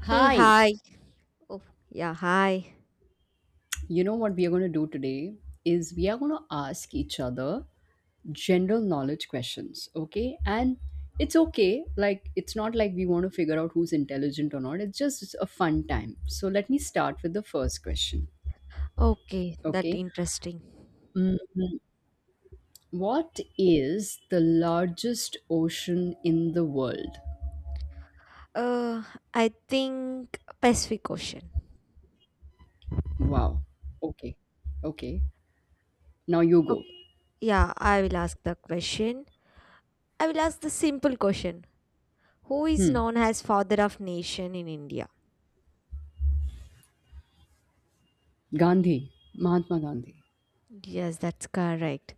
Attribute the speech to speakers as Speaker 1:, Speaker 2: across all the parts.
Speaker 1: Hey,
Speaker 2: Hi,
Speaker 1: hi. Oh, yeah, hi.
Speaker 2: you know what we are going to do today is we are going to ask each other general knowledge questions, okay? And it's okay, like, it's not like we want to figure out who's intelligent or not, it's just a fun time. So, let me start with the first question,
Speaker 1: Okay, that
Speaker 2: okay?
Speaker 1: interesting.
Speaker 2: Mhm. What is the largest ocean in the world?
Speaker 1: Uh, I think Pacific Ocean.
Speaker 2: Wow, okay, okay, now you go.
Speaker 1: Okay, yeah, I will ask the question. I will ask the simple question. Who is
Speaker 2: Hmm,
Speaker 1: known as father of nation in India?
Speaker 2: Gandhi, Mahatma Gandhi.
Speaker 1: Yes, that's correct.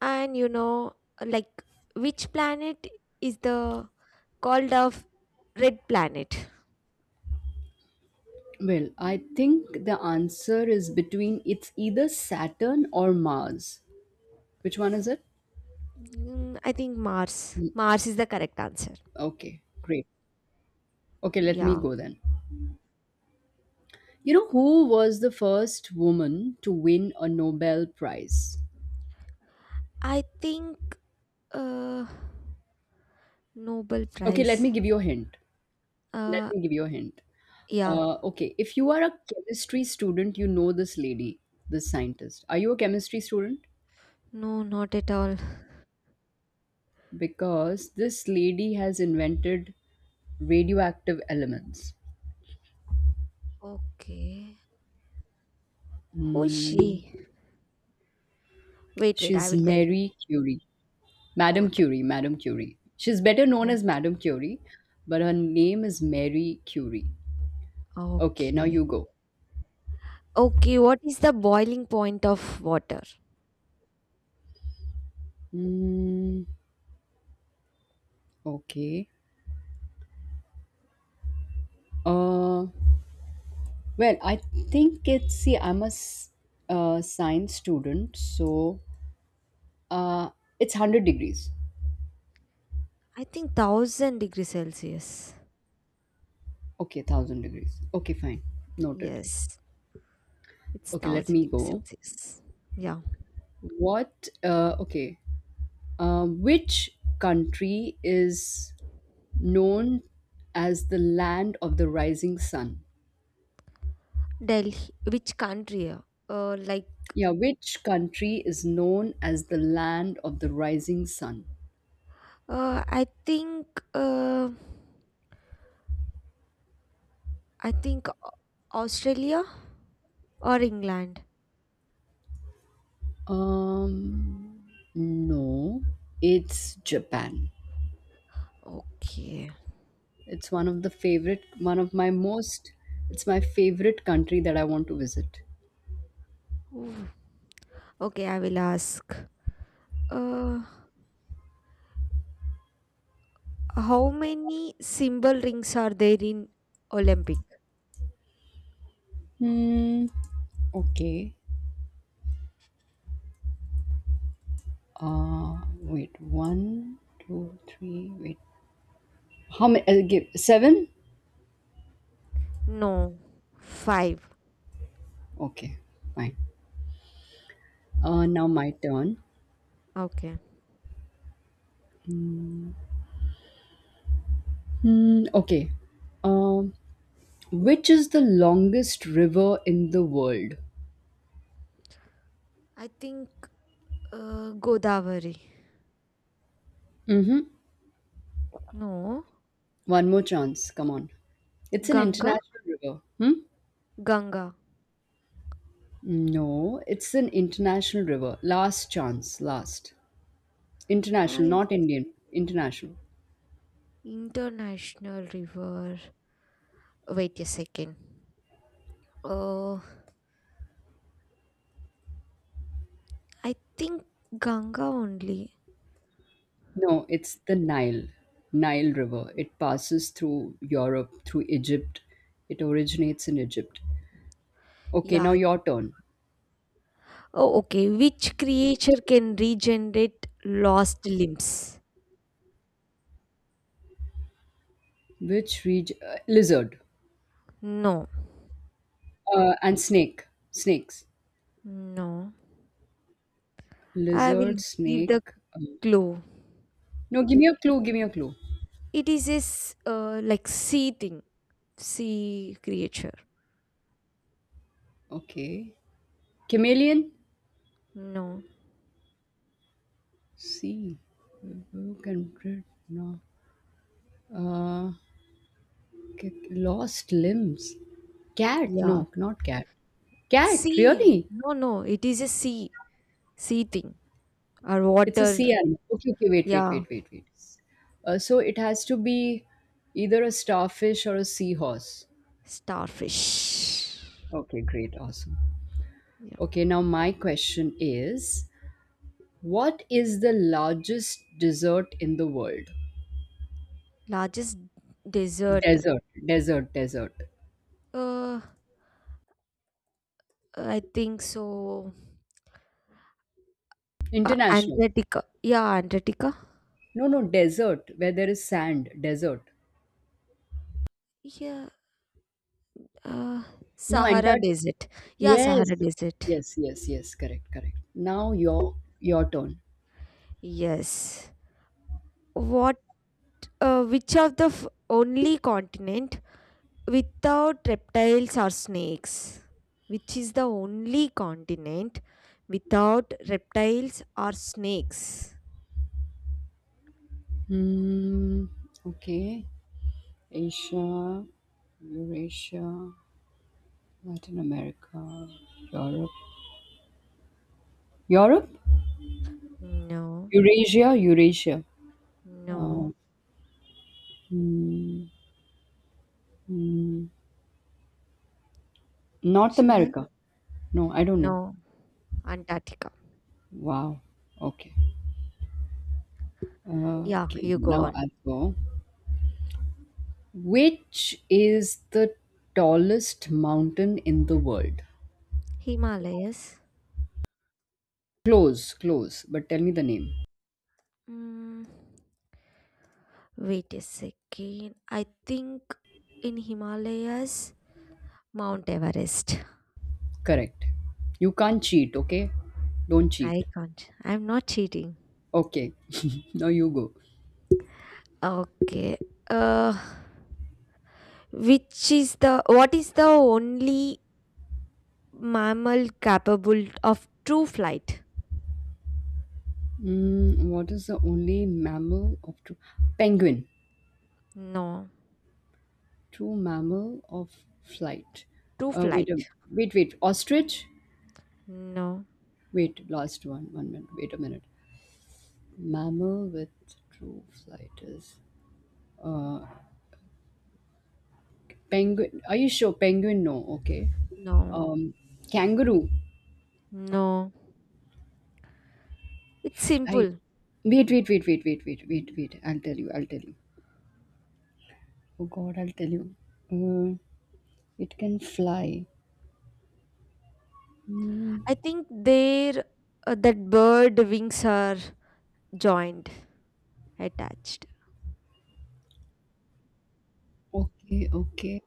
Speaker 1: And you know, like which planet is the called of red planet?
Speaker 2: Well, I think the answer is between it's either Saturn or Mars. Which one is it?
Speaker 1: Mm, I think Mars. Mars is the correct answer.
Speaker 2: Okay, great. Okay, let me
Speaker 1: Yeah.
Speaker 2: go then. You know, who was the first woman to win a Nobel Prize?
Speaker 1: I think Uh, Nobel
Speaker 2: Okay, let
Speaker 1: Prize.
Speaker 2: me give you a hint. Let
Speaker 1: Uh,
Speaker 2: me give you a hint.
Speaker 1: yeah.
Speaker 2: Okay, if you are a chemistry student, you know this lady, this scientist. Are you a chemistry student?
Speaker 1: No, not at all.
Speaker 2: Because this lady has invented radioactive elements.
Speaker 1: Okay. Who is
Speaker 2: Hmm.
Speaker 1: she? Wait, wait, I
Speaker 2: She's
Speaker 1: will tell you.
Speaker 2: Mary Curie.
Speaker 1: Oh,
Speaker 2: Madame
Speaker 1: the,
Speaker 2: Curie, Madame Curie. She's better known as
Speaker 1: okay.
Speaker 2: Madame Curie, but her name is Mary Curie. Okay, now
Speaker 1: Okay.
Speaker 2: you go.
Speaker 1: Okay, what is the boiling point of water?
Speaker 2: Mm, okay. Uh, well, I think it's, see, I'm a science student, so uh, it's 100 degrees.
Speaker 1: I think 1000 degrees Celsius.
Speaker 2: Okay, 1000 degrees. Okay, fine. Noted.
Speaker 1: Yes, it's
Speaker 2: Okay, let
Speaker 1: 1000
Speaker 2: me
Speaker 1: degrees
Speaker 2: go.
Speaker 1: Celsius. Yeah.
Speaker 2: What, okay. Which country is known as the land of the rising sun.
Speaker 1: Delhi, which country? Uh, like,
Speaker 2: Yeah, which country is known as the land of the rising sun?
Speaker 1: uh, I think, uh, I think Australia or England.
Speaker 2: Um, no, it's Japan.
Speaker 1: Okay.
Speaker 2: It's one of the favorite, one of my most, it's my favorite country that I want to visit.
Speaker 1: Ooh. Okay, I will ask. Uh, how many symbol rings are there in Olympic?
Speaker 2: Hmm, okay. Wait, one, two, three, wait. How many? I'll give seven?
Speaker 1: No, five.
Speaker 2: Okay, fine. Now my turn.
Speaker 1: Okay.
Speaker 2: Hmm, okay. Um, which is the longest river in the world?
Speaker 1: I think Godavari.
Speaker 2: Mm-hmm.
Speaker 1: No,
Speaker 2: One more chance. Come on. It's an
Speaker 1: Ganga.
Speaker 2: international river. Hmm?
Speaker 1: Ganga.
Speaker 2: No, it's an international river. Last chance. Last. International,
Speaker 1: I
Speaker 2: not Indian. International.
Speaker 1: international river. Wait a second. Uh, I think Ganga only.
Speaker 2: No, it's the Nile. Nile River. It passes through Europe, through Egypt. It originates in Egypt. Okay,
Speaker 1: Yeah,
Speaker 2: now
Speaker 1: yeah.
Speaker 2: your turn.
Speaker 1: Oh, okay. Which creature can regenerate lost limbs?
Speaker 2: Which region? Lizard.
Speaker 1: No.
Speaker 2: And snake. Snakes.
Speaker 1: No, I will
Speaker 2: Lizard,
Speaker 1: give the
Speaker 2: snake.
Speaker 1: clue.
Speaker 2: No, give me a clue. Give me a clue.
Speaker 1: It is this like sea thing, sea creature.
Speaker 2: Okay. Chameleon.
Speaker 1: No,
Speaker 2: See. Can read- no. Uh, Lost limbs. Cat.
Speaker 1: yeah,
Speaker 2: No, not cat. Cat.
Speaker 1: sea.
Speaker 2: Really?
Speaker 1: No, no, it is a sea, sea thing or
Speaker 2: It's a
Speaker 1: water.
Speaker 2: sea animal. Okay. Okay. Wait. Wait.
Speaker 1: Yeah,
Speaker 2: Wait. Wait. Wait. So it has to be either a starfish or a seahorse.
Speaker 1: starfish.
Speaker 2: Okay, great, awesome.
Speaker 1: Yeah,
Speaker 2: Okay, now my question is what is the largest dessert in the world?
Speaker 1: largest desert.
Speaker 2: Desert, desert, desert.
Speaker 1: Uh, I think so.
Speaker 2: International.
Speaker 1: Antarctica. Yeah, Antarctica.
Speaker 2: No, no, desert, where there is sand, desert.
Speaker 1: Yeah. Uh,
Speaker 2: No,
Speaker 1: Sahara
Speaker 2: Antarctica.
Speaker 1: Desert. Yeah,
Speaker 2: Yes,
Speaker 1: Sahara Desert.
Speaker 2: yes, yes, yes, correct, correct. Now your turn.
Speaker 1: Yes. What? Which of the only continent without reptiles or snakes? Which is the only continent without reptiles or snakes?
Speaker 2: Hmm, okay. Asia, Eurasia, Latin America, Europe. Europe?
Speaker 1: No,
Speaker 2: Eurasia, Eurasia.
Speaker 1: no.
Speaker 2: Uh, hmm, hmm, North
Speaker 1: Shall I?
Speaker 2: America. No, I don't know.
Speaker 1: No. Antarctica.
Speaker 2: Wow. Okay.
Speaker 1: Yeah,
Speaker 2: Okay.
Speaker 1: you go
Speaker 2: Now
Speaker 1: on.
Speaker 2: I'll go. Which is the tallest mountain in the world?
Speaker 1: Himalayas.
Speaker 2: Close, close, but tell me the name.
Speaker 1: Mm, wait a second. I think in Himalayas, Mount Everest.
Speaker 2: Correct. You can't cheat, okay? Don't cheat.
Speaker 1: I can't. I'm not cheating.
Speaker 2: Okay, now you go.
Speaker 1: Okay. Uh, Which is the what is the only mammal capable of true flight?
Speaker 2: Mm, what is the only mammal of true penguin?
Speaker 1: No.
Speaker 2: True mammal of flight.
Speaker 1: True
Speaker 2: Uh, wait a
Speaker 1: flight.
Speaker 2: Wait, Ostrich?
Speaker 1: No.
Speaker 2: Wait, last one. One minute. Wait a minute. Mammal with true flight is. Uh, Penguin. Are you sure? Penguin? No. Okay.
Speaker 1: No.
Speaker 2: Um, Kangaroo.
Speaker 1: No. It's
Speaker 2: Flight.
Speaker 1: simple.
Speaker 2: Wait, wait, wait, wait, wait, wait, wait, wait. I'll tell you. I'll tell you. Oh God, I'll tell you. Uh, it can fly. Hmm.
Speaker 1: I think their that bird wings are joined, attached.
Speaker 2: Okay, okay.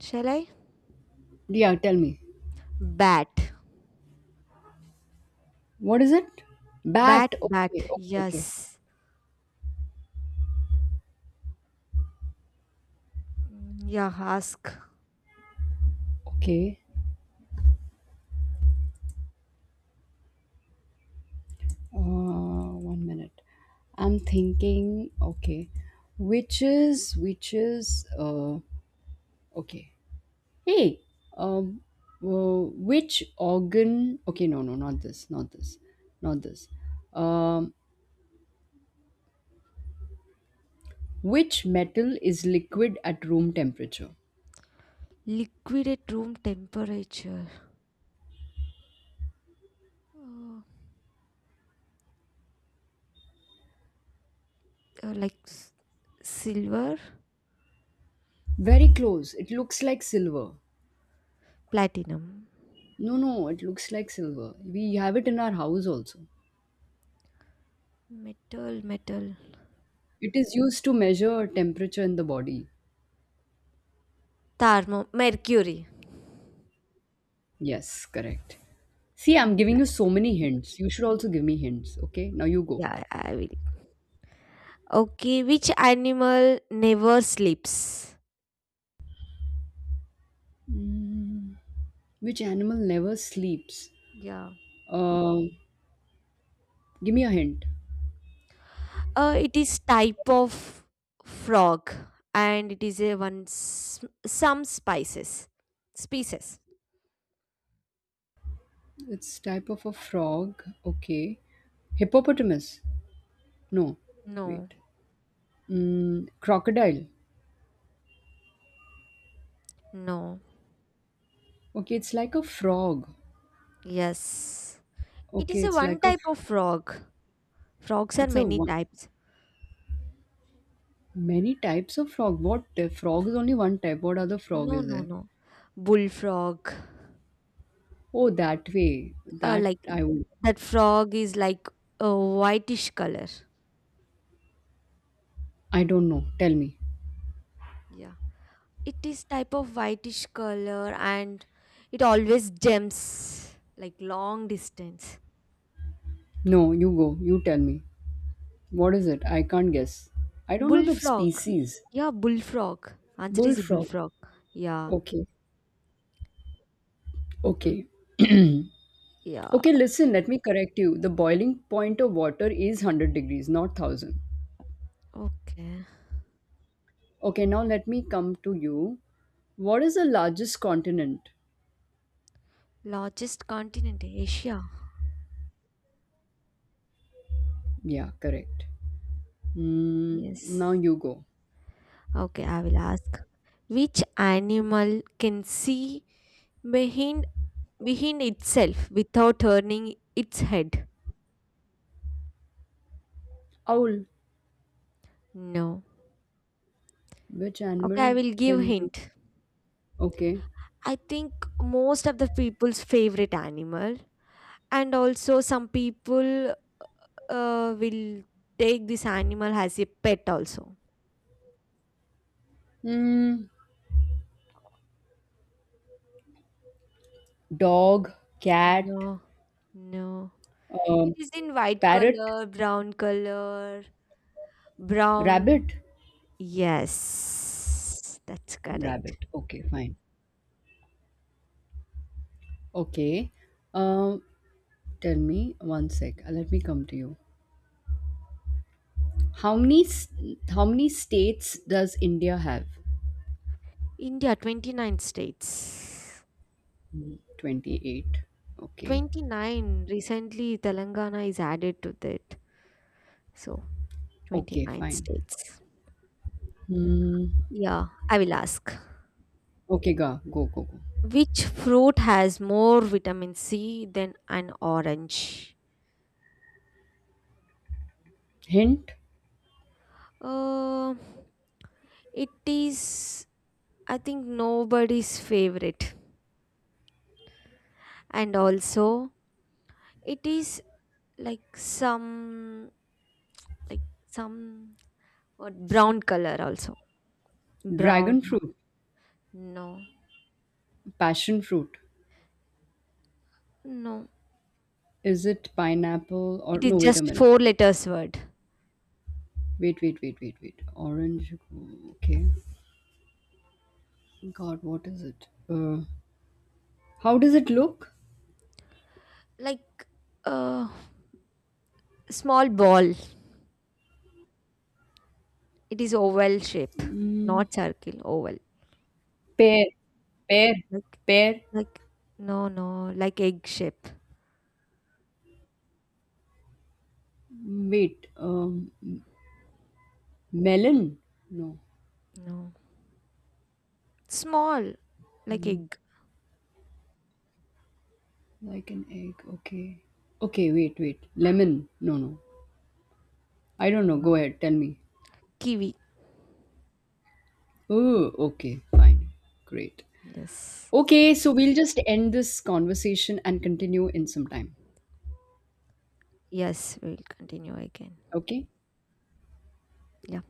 Speaker 1: Shall I?
Speaker 2: Yeah, tell me.
Speaker 1: Bat.
Speaker 2: What is it?
Speaker 1: Bat
Speaker 2: Bat.
Speaker 1: bat.
Speaker 2: Okay, okay, okay.
Speaker 1: Yes. Mm, yeah, ask.
Speaker 2: Okay. One minute. I'm thinking. Okay, witches, witches. Okay. Hey, um, uh, which organ? Okay, no, no, not this, not this, not this. Um, which metal is liquid at room temperature?
Speaker 1: Liquid at room temperature. Uh, uh, like s- silver,
Speaker 2: Very close. It looks like silver.
Speaker 1: platinum.
Speaker 2: No, no, it looks like silver. We have it in our house also.
Speaker 1: Metal.
Speaker 2: It is used to measure temperature in the body.
Speaker 1: Thermo, mercury.
Speaker 2: Yes, correct. See, I'm giving you
Speaker 1: Yes.
Speaker 2: so many hints. You should also give me hints, okay? Now you go.
Speaker 1: Yeah, I will. Okay, which animal never sleeps?
Speaker 2: Mm, which animal never sleeps?
Speaker 1: Yeah.
Speaker 2: Um, Give me a hint.
Speaker 1: It is type of frog, and it is a one some spices species.
Speaker 2: It's type of a frog. Okay. Hippopotamus. No.
Speaker 1: No.
Speaker 2: Wait. Mm, crocodile.
Speaker 1: No.
Speaker 2: Okay, it's like a frog.
Speaker 1: Yes. It is
Speaker 2: Okay,
Speaker 1: a one type of frog. Frogs are
Speaker 2: it's a
Speaker 1: many
Speaker 2: one,
Speaker 1: types.
Speaker 2: many types of frog. What frog is only one type? What other frog
Speaker 1: No,
Speaker 2: is
Speaker 1: no,
Speaker 2: there?
Speaker 1: no. Bullfrog.
Speaker 2: Oh, that way. That
Speaker 1: Like
Speaker 2: I. w-
Speaker 1: that frog is like a whitish color.
Speaker 2: I don't know. Tell me.
Speaker 1: Yeah. It is type of whitish color and it always jumps like long distance.
Speaker 2: No, you go. You tell me. What is it? I can't guess. I don't know the
Speaker 1: Bullfrog.
Speaker 2: species.
Speaker 1: Yeah, bullfrog. Answer is
Speaker 2: Bullfrog.
Speaker 1: bullfrog. Yeah.
Speaker 2: Okay. Okay.
Speaker 1: Yeah.
Speaker 2: Okay, listen, let me correct you. The boiling point of water is 100 degrees, not 1000.
Speaker 1: Okay.
Speaker 2: Okay, now let me come to you. What is the largest continent?
Speaker 1: Largest continent, Asia.
Speaker 2: Yeah, correct. Mm,
Speaker 1: Yes.
Speaker 2: now you go.
Speaker 1: Okay, I will ask. Which animal can see behind behind itself without turning its head?
Speaker 2: Owl.
Speaker 1: No.
Speaker 2: Which
Speaker 1: Okay, I
Speaker 2: animal
Speaker 1: will give
Speaker 2: can do?
Speaker 1: hint.
Speaker 2: Okay.
Speaker 1: I think most of the people's favorite animal and also some people will take this animal as a pet also.
Speaker 2: Mm, dog, cat,
Speaker 1: No no, it
Speaker 2: um,
Speaker 1: is in white
Speaker 2: parrot,
Speaker 1: color brown color, brown.
Speaker 2: rabbit.
Speaker 1: Yes, that's correct.
Speaker 2: Rabbit. Okay, fine. Okay. Um, Tell me one sec. Let me come to you. How many s- how many states does India have?
Speaker 1: India 29 states.
Speaker 2: Hmm, 28. Okay.
Speaker 1: 29, recently Telangana is added to that, so
Speaker 2: Okay,
Speaker 1: 29
Speaker 2: fine.
Speaker 1: states.
Speaker 2: Hmm.
Speaker 1: Yeah, I will ask,
Speaker 2: Okay, go, go, go, go.
Speaker 1: which fruit has more vitamin C than an orange?
Speaker 2: Hint:
Speaker 1: Uh, it is, I think, nobody's favorite. And also, it is like some, like some brown color also. Brown.
Speaker 2: dragon fruit,
Speaker 1: No,
Speaker 2: passion fruit.
Speaker 1: no.
Speaker 2: Is it pineapple or
Speaker 1: It is
Speaker 2: no? Wait a
Speaker 1: just
Speaker 2: minute.
Speaker 1: four letters word.
Speaker 2: Wait, wait, wait, wait, wait, wait. Orange. Okay. God, what is it? How does it look?
Speaker 1: Like a small ball. It is oval shape, not circle, oval.
Speaker 2: Pear, pear,
Speaker 1: Like,
Speaker 2: pear.
Speaker 1: like, no, like egg shape.
Speaker 2: Wait. Melon. No.
Speaker 1: No. Small, like egg.
Speaker 2: Like an egg, okay. Okay, wait, wait. Lemon. No, no. I don't know. Go
Speaker 1: No.
Speaker 2: ahead, tell me.
Speaker 1: Kiwi.
Speaker 2: Oh, okay, fine. Great.
Speaker 1: Yes.
Speaker 2: Okay, so we'll just end this conversation and continue in some time.
Speaker 1: Yes, we'll continue again.
Speaker 2: Okay?
Speaker 1: Yeah.